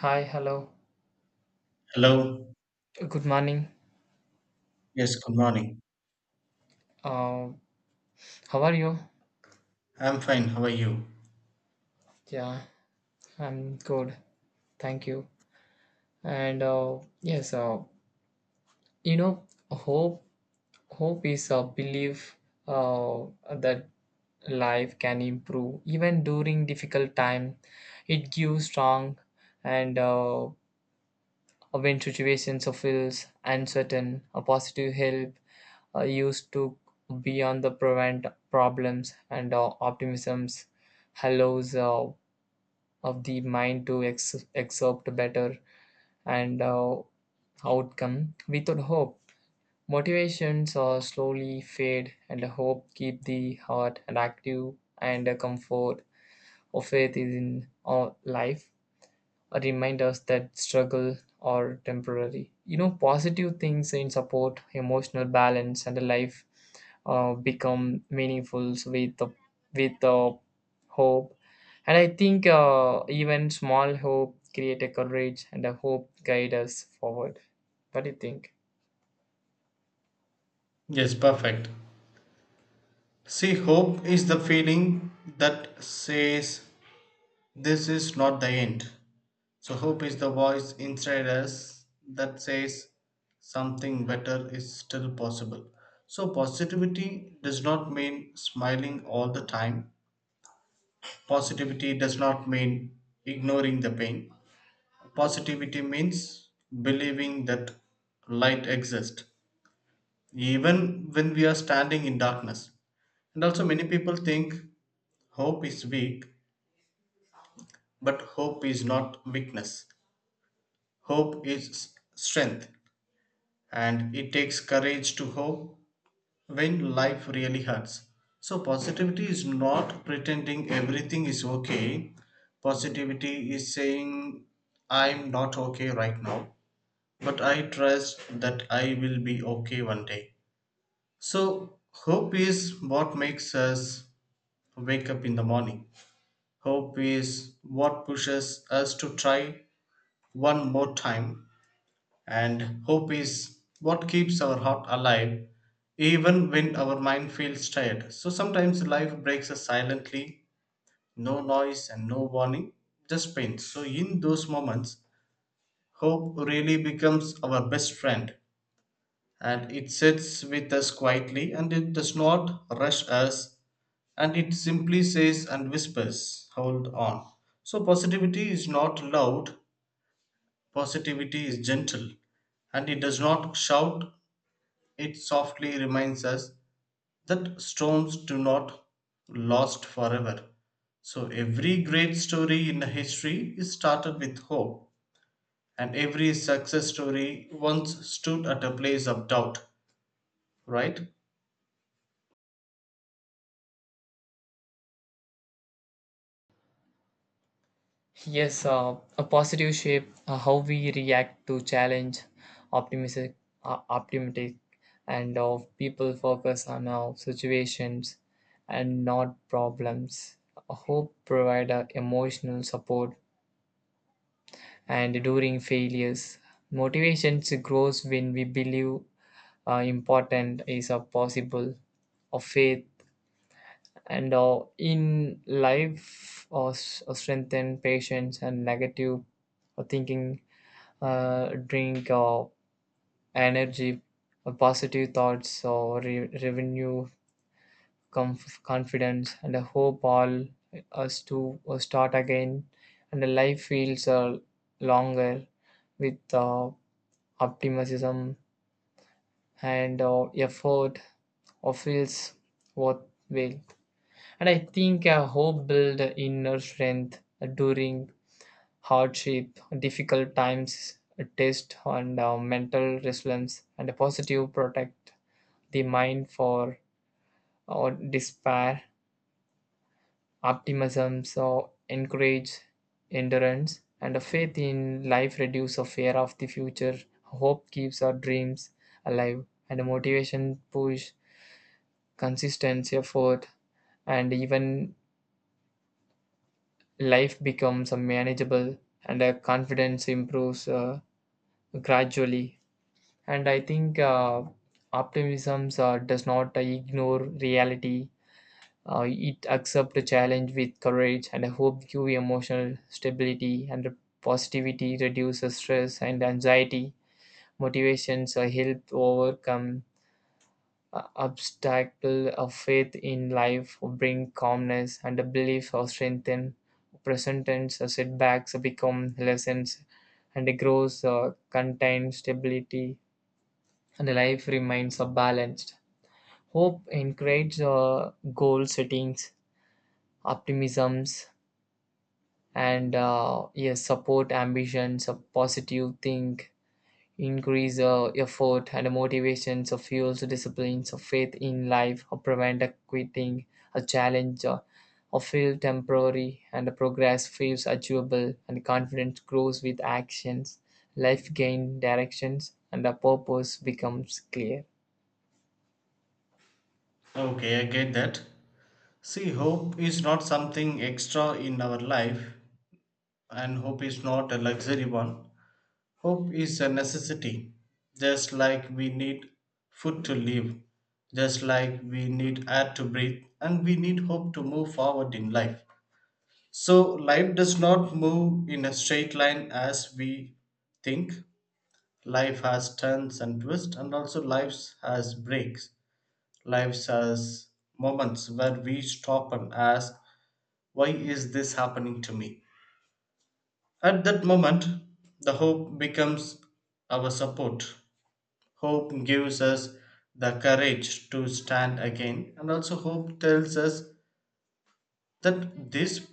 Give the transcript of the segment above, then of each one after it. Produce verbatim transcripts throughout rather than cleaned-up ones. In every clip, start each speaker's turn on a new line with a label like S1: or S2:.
S1: Hi, hello.
S2: Hello.
S1: Good morning.
S2: Yes, good morning.
S1: Uh, how are you?
S2: I'm fine. How are you?
S1: Yeah, I'm good. Thank you. And uh, yes, uh, you know, hope hope is a belief uh, that life can improve even during difficult time. It gives strong and uh, when situations feels uncertain, a positive help uh, used to beyond the prevent problems and uh, optimisms allows uh, of the mind to ex- accept better and uh, outcome without hope. Motivations uh, slowly fade and hope keep the heart and active and uh, comfort of faith is in our life remind us that struggle are temporary. You know, positive things in support, emotional balance, and a life uh, become meaningful with the with the hope. And I think uh, even small hope create a courage and a hope guide us forward. What do you think?
S2: Yes, perfect. See, hope is the feeling that says this is not the end. So, hope is the voice inside us that says something better is still possible. So, positivity does not mean smiling all the time, positivity does not mean ignoring the pain. Positivity means believing that light exists even when we are standing in darkness. And also, many people think hope is weak, but hope is not weakness. Hope is s- strength, and it takes courage to hope when life really hurts. So, positivity is not pretending everything is okay. Positivity is saying, I'm not okay right now, but I trust that I will be okay one day. So, hope is what makes us wake up in the morning. Hope is what pushes us to try one more time, and hope is what keeps our heart alive even when our mind feels tired. So sometimes life breaks us silently, no noise and no warning, just pain. So in those moments, hope really becomes our best friend and it sits with us quietly and it does not rush us and it simply says and whispers, hold on. So, positivity is not loud, positivity is gentle, and it does not shout, it softly reminds us that storms do not last forever. So, every great story in history is started with hope, and every success story once stood at a place of doubt, right?
S1: Yes, uh, a positive shape, uh, how we react to challenge, optimistic, uh, optimistic, and of people focus on our situations and not problems. A hope provide a emotional support and during failures. Motivation grows when we believe uh, important is a possible, of faith and uh, in life or uh, strengthen patience and negative uh, thinking uh, drink or energy, uh, positive thoughts or re- revenue, comf- confidence, and a hope all us to uh, start again. And the life feels uh, longer with uh, optimism and uh, effort or feels worthwhile. And I think a hope build inner strength during hardship, difficult times, test and uh, mental resilience, and a positive protect the mind for or despair, optimism, so encourage endurance, and a faith in life reduce a fear of the future. Hope keeps our dreams alive, and a motivation push consistency effort, and even life becomes a manageable, and a confidence improves uh, gradually. And I think uh, optimism uh, does not uh, ignore reality, uh, it accepts the challenge with courage and I hope give emotional stability and positivity reduces stress and anxiety. Motivations uh, help overcome uh, obstacle of faith in life bring calmness and a belief or strengthen present tense. Uh, setbacks become lessons and it grows uh, contained stability and life remains uh, balanced. Hope encourages uh, goal settings, optimisms, and uh, yes, support ambitions, a positive think, increase uh, effort and motivations, uh, fuels disciplines, uh, faith in life, uh, prevent uh, quitting, a challenge. Uh, or feel temporary and progress feels achievable and confidence grows with actions. Life gain directions and a purpose becomes clear.
S2: Okay, I get that. See, hope is not something extra in our life, and hope is not a luxury one. Hope is a necessity. Just like we need food to live, just like we need air to breathe, and we need hope to move forward in life. So, life does not move in a straight line as we think. Life has turns and twists, and also life has breaks. Life has moments where we stop and ask, why is this happening to me? At that moment, the hope becomes our support. Hope gives us the courage to stand again, and also hope tells us that this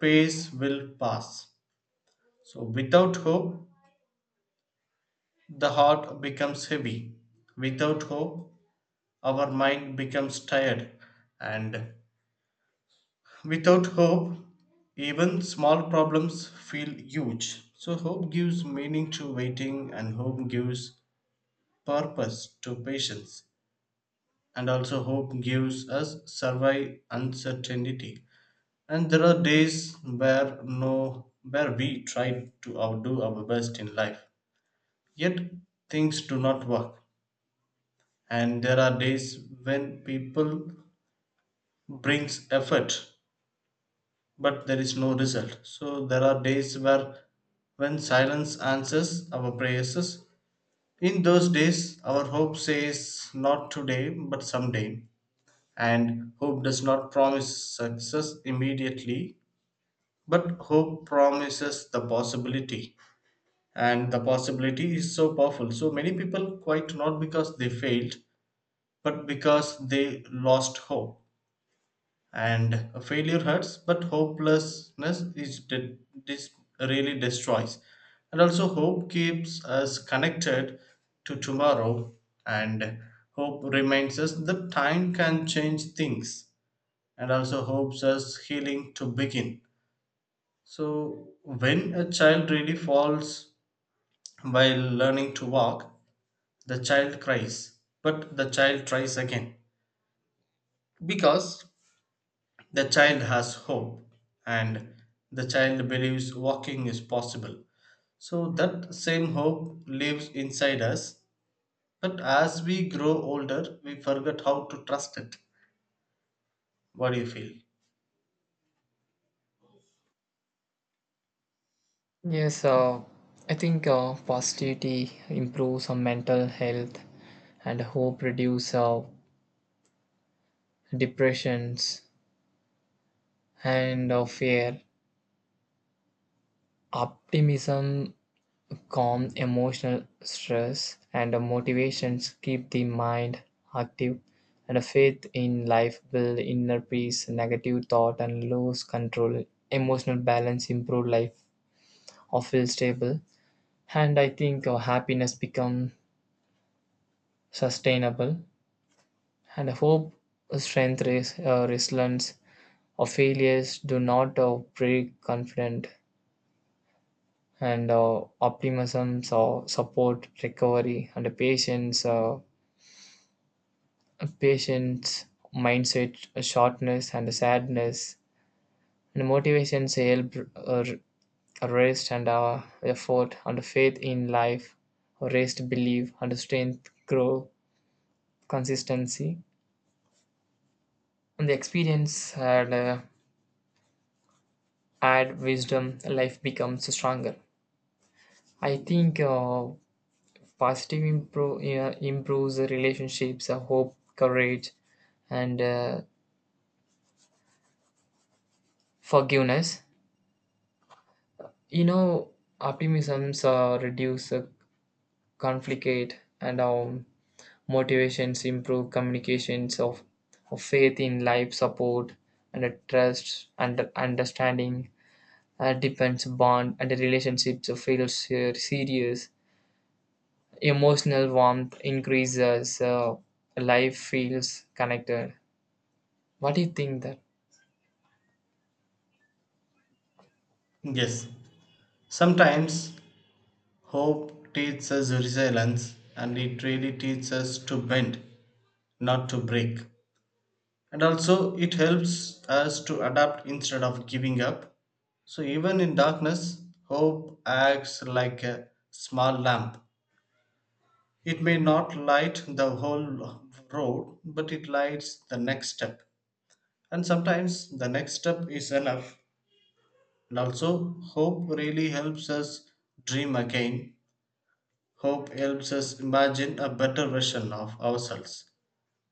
S2: pace will pass. So, without hope, the heart becomes heavy. Without hope, our mind becomes tired, and without hope, even small problems feel huge. So, hope gives meaning to waiting, and hope gives purpose to patience and also hope gives us survive uncertainty and there are days where no where we try to outdo our best in life yet things do not work and there are days when people brings effort but there is no result so there are days where when silence answers our prayers in those days our hope says not today but someday. And hope does not promise success immediately, but hope promises the possibility. And the possibility is so powerful. So many people quit not because they failed, but because they lost hope. And a failure hurts, but hopelessness is de- this really destroys. And also, hope keeps us connected to tomorrow, and hope reminds us that time can change things and also hopes us healing to begin. So, when a child really falls while learning to walk, the child cries, but the child tries again because the child has hope and the child believes walking is possible. So, that same hope lives inside us, but as we grow older, we forget how to trust it. What do you feel?
S1: Yes, uh, I think uh, positivity improves our mental health and hope reduces uh, depressions and uh, fear. Optimism calm emotional stress and uh, motivations keep the mind active and a faith in life build inner peace, negative thought and lose control, emotional balance improve life or feel stable. And I think uh, happiness become sustainable. And I hope, strength, res- uh, resilience, or failures do not uh, break confidence. And uh, optimism, or support, recovery, and the patience, uh, patience, mindset, shortness, and sadness, and motivations help uh, rest and uh, effort, and faith in life, rest, belief, and strength, grow, consistency, and the experience and. Uh, add wisdom, life becomes stronger. I think uh, positive impro- yeah, improves the relationships, uh, hope, courage, and uh, forgiveness. You know, optimisms uh, reduce uh, conflict, and um, motivations improve communications of, of faith in life support and uh, trust and understanding. Uh, depends bond and the relationships feels uh, serious. Emotional warmth increases, uh, life feels connected. What do you think that?
S2: Yes, sometimes hope teaches us resilience and it really teaches us to bend, not to break. And also, it helps us to adapt instead of giving up. So, even in darkness, hope acts like a small lamp. It may not light the whole road, but it lights the next step. And sometimes the next step is enough. And also, hope really helps us dream again. Hope helps us imagine a better version of ourselves.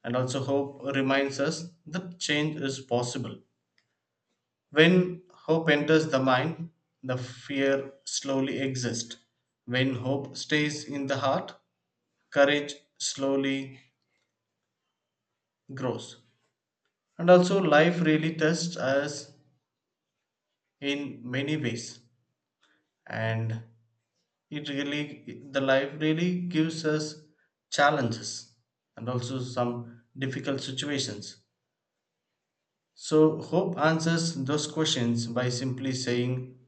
S2: And also, hope reminds us that change is possible. When hope enters the mind, the fear slowly exists. When hope stays in the heart, courage slowly grows. And also, life really tests us in many ways. And it really, the life really gives us challenges and also some difficult situations. So, hope answers those questions by simply saying,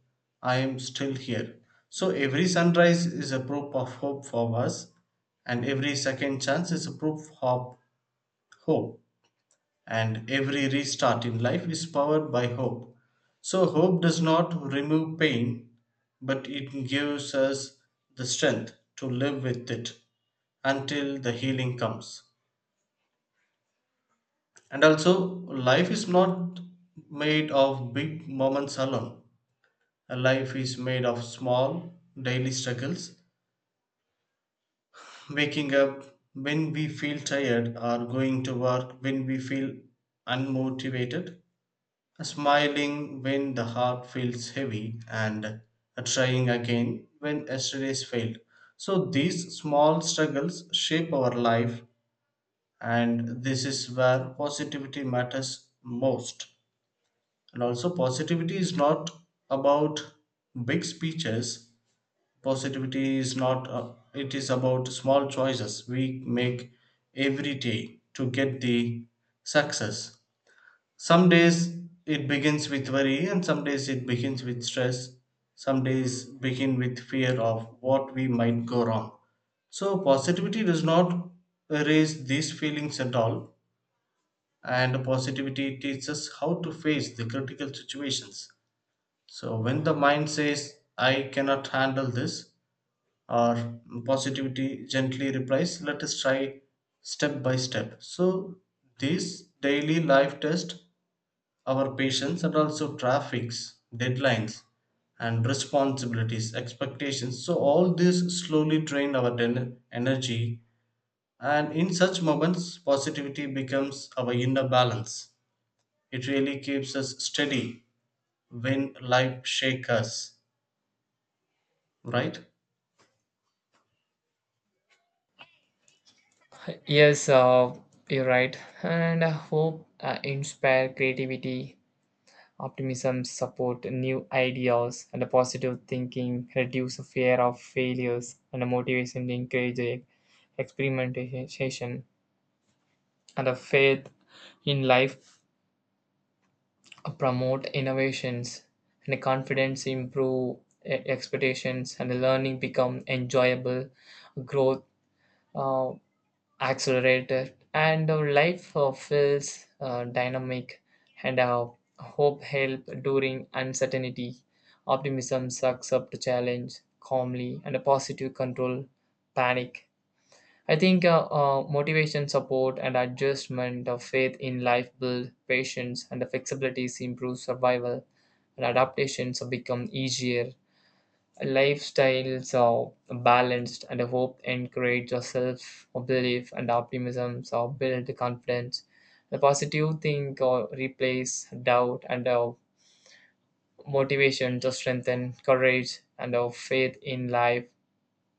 S2: I am still here. So, every sunrise is a proof of hope for us, and every second chance is a proof of hope, and every restart in life is powered by hope. So, hope does not remove pain, but it gives us the strength to live with it until the healing comes. And also, life is not made of big moments alone. A life is made of small daily struggles. Waking up when we feel tired, or going to work when we feel unmotivated, smiling when the heart feels heavy, and trying again when yesterday's failed. So, these small struggles shape our life, and this is where positivity matters most. And also, positivity is not about big speeches. Positivity is not, uh, it is about small choices we make every day to get the success. Some days it begins with worry, and some days it begins with stress. Some days begin with fear of what we might go wrong. So, positivity does not erase these feelings at all, and positivity teaches us how to face the critical situations. So, when the mind says, I cannot handle this, or positivity gently replies let us try step by step so these daily life test our patience and also traffics deadlines and responsibilities expectations so all this slowly drain our den- energy and in such moments positivity becomes our inner balance it really keeps us steady when life shakes us, right?
S1: Yes, uh, you're right. And I hope uh, inspire creativity, optimism, support new ideas, and a positive thinking, reduce the fear of failures, and a motivation to encourage e-, experimentation, and a faith in life promote innovations and confidence improve e- expectations and learning become enjoyable. Growth uh, accelerated and our life uh, feels uh, dynamic and uh, hope help during uncertainty. Optimism sucks up to challenge calmly and a positive control panic. I think uh, uh, motivation, support, and adjustment of faith in life build patience and the flexibilities improve survival and adaptations become easier. Lifestyles are balanced and hope encourage self belief and optimism so build confidence. The positive think or replace doubt and uh, motivation to strengthen courage and uh, faith in life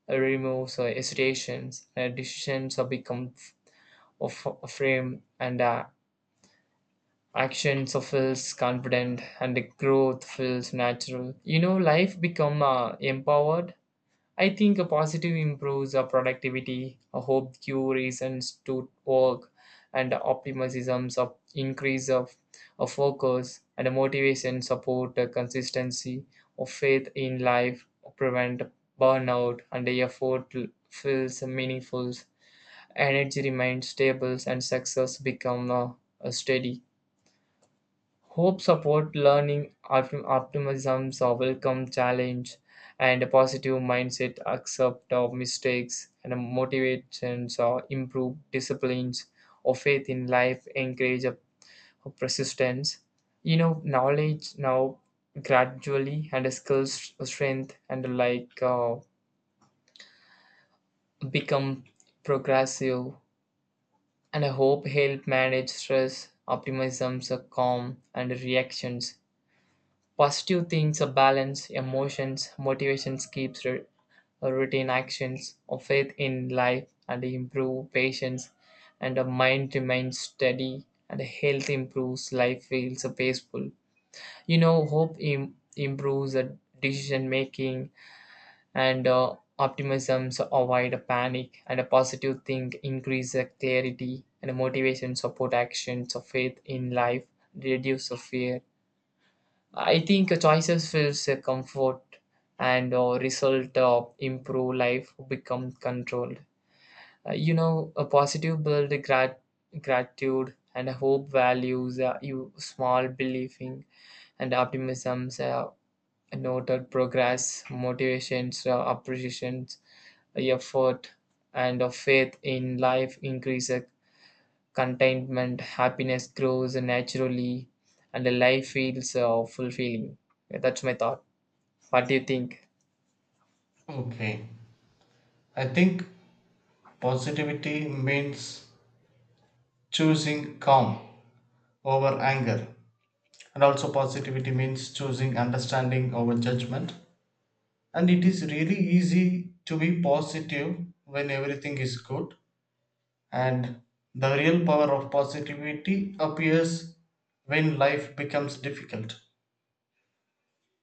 S1: removes uh, hesitations and decisions are become of frame and uh, action so feels confident and the growth feels natural. You know, life become uh, empowered. I think a positive improves our productivity, a hope cure reasons to work and optimisms of increase of, of focus and a motivation support a consistency of faith in life prevent burnout and the effort feels meaningful. Energy remains stable and success become uh, uh, steady. Hope support learning, optim- optimism, so welcome challenge, and a positive mindset accept of mistakes and motivations or improve disciplines or faith in life encourage a a persistence. You know, knowledge now gradually and skills strength and like uh, become progressive. And I hope help manage stress, optimisms, a calm, and reactions. Positive things, a balance, emotions, motivations keeps re- a routine actions, a faith in life, and improve patience, and a mind remains steady, and a health improves, life feels uh, peaceful. You know, hope Im- improves the decision making, and uh, optimisms avoid a panic and a positive think increase the clarity and motivation support actions of faith in life reduce the fear. I think uh, choices feels uh, comfort and uh, result uh, improve life become controlled. Uh, you know, a positive build grat- gratitude and hope values uh, you small believing and optimisms uh, noted progress. Motivations uh, appreciations effort, and of faith in life increases. Contentment, happiness grows naturally, and the life feels uh, fulfilling. Yeah, that's my thought. What do you think?
S2: Okay, I think positivity means choosing calm over anger and also positivity means choosing understanding over judgment and it is really easy to be positive when everything is good and the real power of positivity appears when life becomes difficult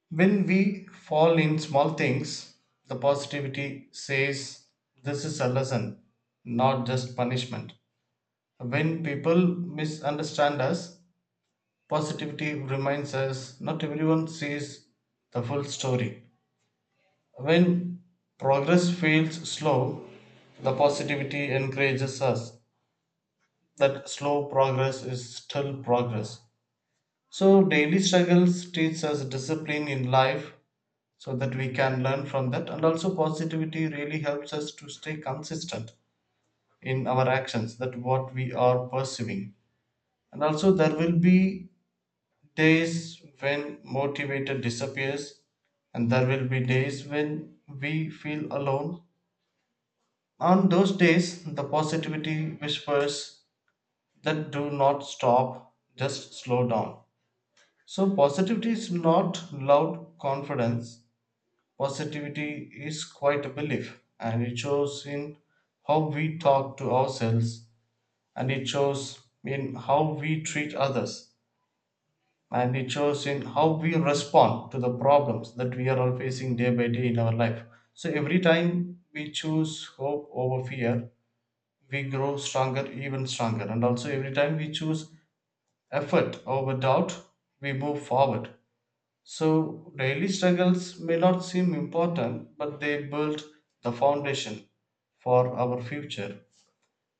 S2: when we fall in small things the positivity says this is a lesson not just punishment when people misunderstand us. Positivity reminds us not everyone sees the full story. When progress feels slow, the positivity encourages us that slow progress is still progress. So, daily struggles teach us discipline in life so that we can learn from that. And also, positivity really helps us to stay consistent in our actions, that what we are pursuing. And also, there will be days when motivated disappears and there will be days when we feel alone on those days the positivity whispers that do not stop just slow down so positivity is not loud confidence positivity is quite a belief and it shows in how we talk to ourselves and it shows in how we treat others and it shows in how we respond to the problems that we are all facing day by day in our life. So every time we choose hope over fear, we grow stronger, even stronger. And also every time we choose effort over doubt, we move forward. So daily struggles may not seem important, but they build the foundation for our future.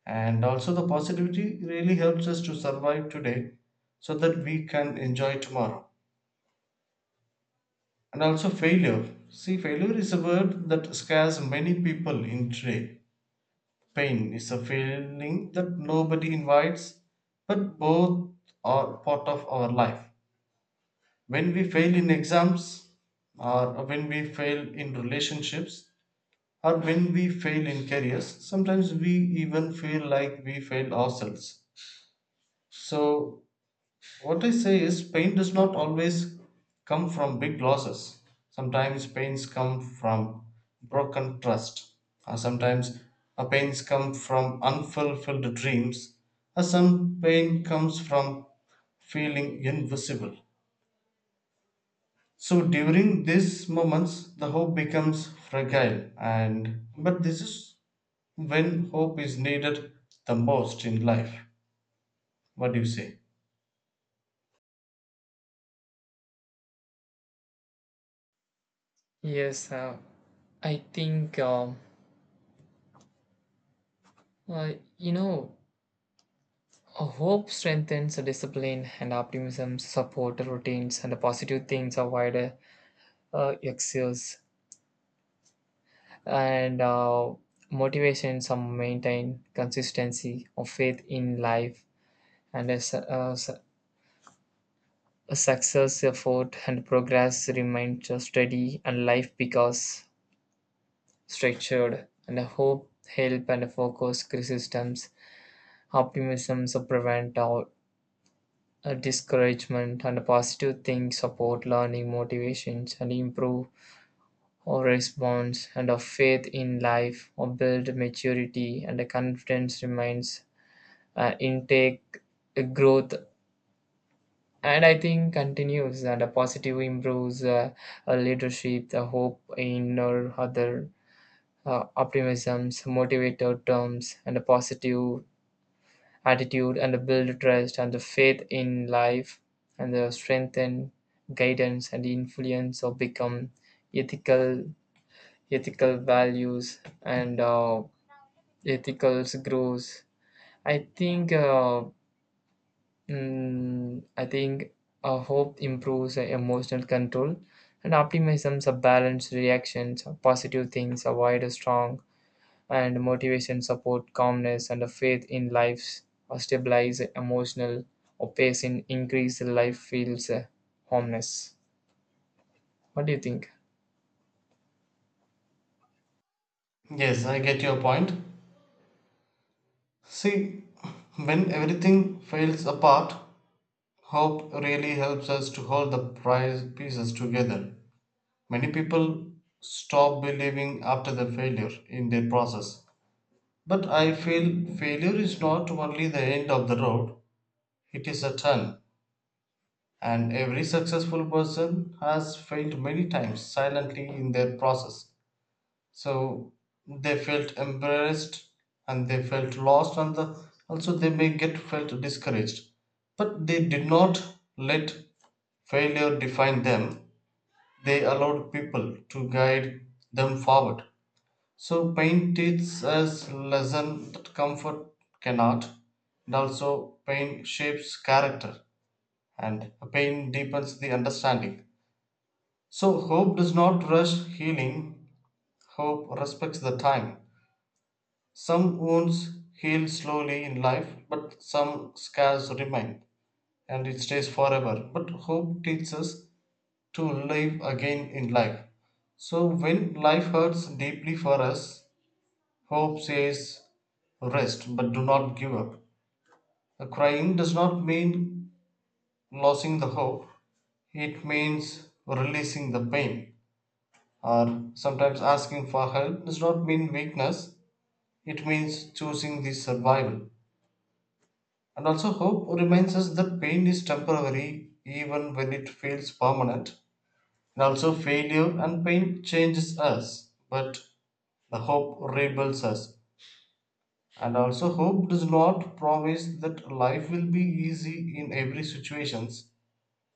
S2: And also the positivity really helps us to survive today so that we can enjoy tomorrow. And also failure. See, failure is a word that scares many people in trade. Pain is a feeling that nobody invites, but both are part of our life. When we fail in exams, or when we fail in relationships, or when we fail in careers, sometimes we even feel like we fail ourselves. So what I say is, pain does not always come from big losses. Sometimes pains come from broken trust, or sometimes uh, pains come from unfulfilled dreams, or some pain comes from feeling invisible. So during these moments, the hope becomes fragile, and but this is when hope is needed the most in life. What do you say?
S1: Yes, uh, I think um, uh, you know uh, hope strengthens the discipline and optimism support the routines and the positive things avoid uh, uh, excess and uh, motivations are maintain consistency of faith in life and a, su- a su- a success, effort, and progress remain just steady, and life becomes structured, and a hope, help, and a focus systems. Optimism so prevent out a discouragement, and a positive things support learning motivations and improve our response and our faith in life or build maturity and the confidence remains uh, intake uh, growth. And I think continues and a positive improves uh, a leadership, the hope in or other uh, optimisms, motivated terms, and a positive attitude, and a build trust and the faith in life, and the strengthen guidance and influence or become ethical ethical values and uh, ethical grows. I think. Uh, Mm, I think uh, hope improves uh, emotional control, and optimism. A balanced reactions, positive things avoid a strong, and motivation support calmness and a faith in life. uh, stabilize emotional or pace in increase life feels uh, homeless. What do you think?
S2: Yes, I get your point. See, when everything falls apart, hope really helps us to hold the prize pieces together. Many people stop believing after the failure in their process. But I feel failure is not only the end of the road, it is a turn. And every successful person has failed many times silently in their process. So they felt embarrassed and they felt lost and the, also they may get felt discouraged but they did not let failure define them they allowed people to guide them forward so pain teaches us lesson that comfort cannot and also pain shapes character and pain deepens the understanding so hope does not rush healing hope respects the time. Some wounds heal slowly in life, but some scars remain, and it stays forever. But hope teaches us to live again in life. So when life hurts deeply for us, hope says, rest, but do not give up. The crying does not mean losing the hope, it means releasing the pain. Or sometimes asking for help does not mean weakness, it means choosing the survival. And also, hope reminds us that pain is temporary even when it feels permanent. And also, failure and pain changes us, but the hope rebuilds us. And also, hope does not promise that life will be easy in every situations.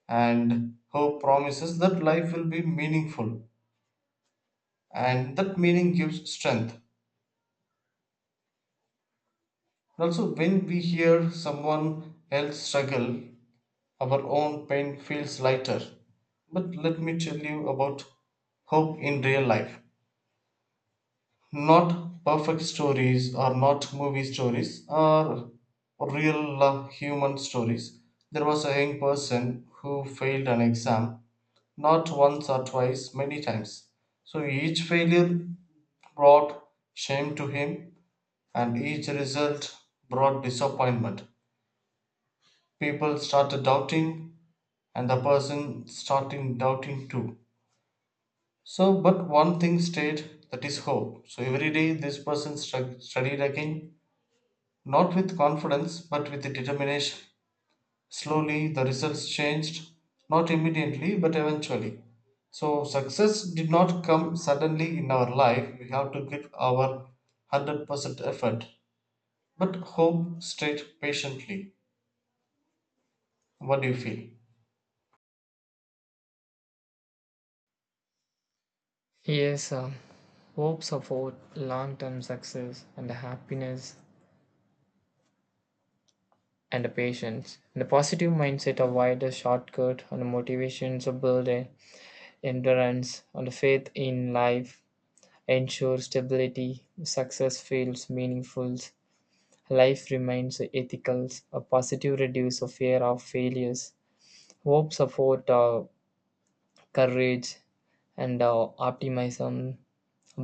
S2: And hope promises that life will be meaningful, and that meaning gives strength. And also, when we hear someone else struggle, our own pain feels lighter. But let me tell you about hope in real life. Not perfect stories or not movie stories or real uh, human stories. There was a young person who failed an exam, not once or twice, many times. So each failure brought shame to him, and each result brought disappointment. People started doubting and the person starting doubting too. So, but one thing stayed that is hope. So, every day this person stru- studied again, not with confidence but with determination. Slowly, the results changed, not immediately but eventually. So, success did not come suddenly in our life, we have to give our one hundred percent effort. But hope stayed patiently. What do you feel?
S1: Yes, um, hope support long-term success and happiness and patience. And a positive mindset avoid a shortcut and motivations are built endurance, and faith in life ensure stability. Success feels meaningful. Life remains ethical. A positive reduce of fear of failures. Hope support uh, courage and uh, optimism.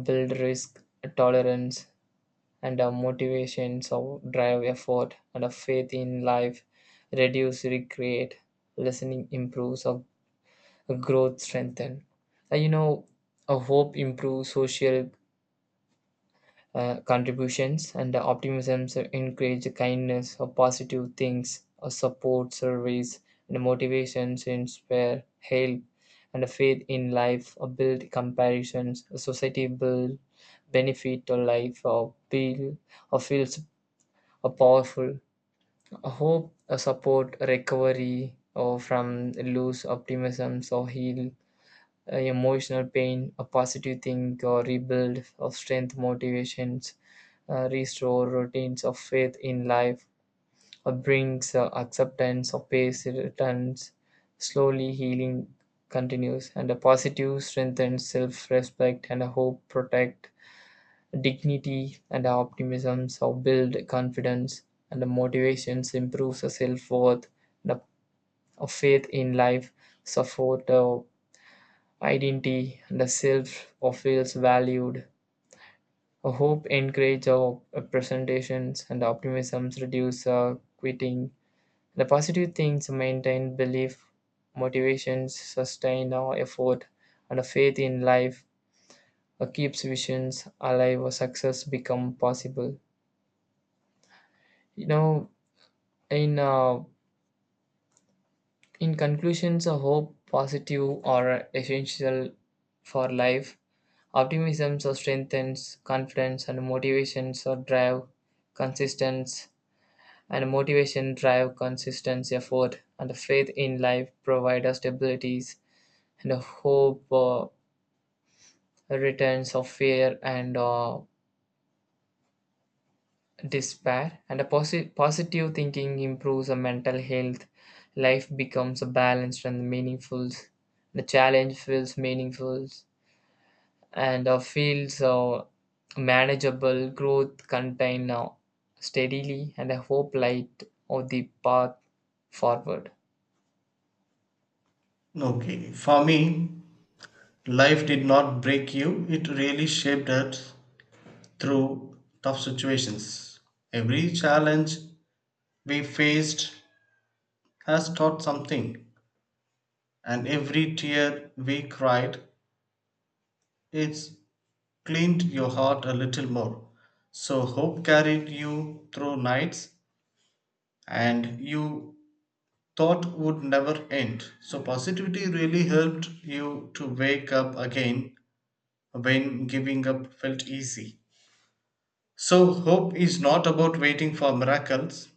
S1: Build risk tolerance and uh, motivation. So drive effort and a faith in life. Reduce regret. Listening improves. Of growth strengthen. Uh, you know, a hope improves social uh, contributions and optimism so encourage kindness or positive things or support service and motivations inspire help and a faith in life or build comparisons. A society build benefit to life or build or feels a powerful. A hope a support recovery or from loose optimisms or heal uh, emotional pain, a positive thing, or rebuild of strength, motivations, uh, restore routines of faith in life, uh, brings uh, acceptance of pace returns, slowly healing continues, and a positive strengthens self-respect and a hope protect dignity and optimism, so build confidence and the motivations improves the self-worth, the a a faith in life, support uh, identity, the self or feels valued. A hope encourages our presentations and optimisms reduce uh, quitting. The positive things maintain belief, motivations sustain our effort, and a faith in life uh, keeps visions alive. Or success become possible. You know, in uh, in conclusions, a hope, positive or essential for life, optimism so strengthens confidence and motivation so drive consistency and motivation drive consistent effort and faith in life provide us stabilities and hope uh, returns of fear and uh, despair and a posi- positive thinking improves our mental health. Life becomes balanced and meaningful. The challenge feels meaningful and uh, feels uh, manageable. Growth contained uh, steadily and a hope light of the path forward.
S2: Okay, for me, life did not break you, it really shaped us through tough situations. Every challenge we faced has taught something, and every tear we cried, it's cleaned your heart a little more. So, hope carried you through nights and you thought would never end. So, positivity really helped you to wake up again when giving up felt easy. So, hope is not about waiting for miracles.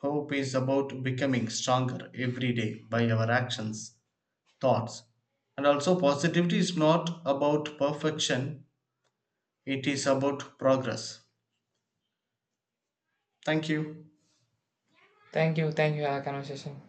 S2: Hope is about becoming stronger every day by our actions, thoughts. And also, positivity is not about perfection, it is about progress. Thank you.
S1: Thank you thank you for our conversation.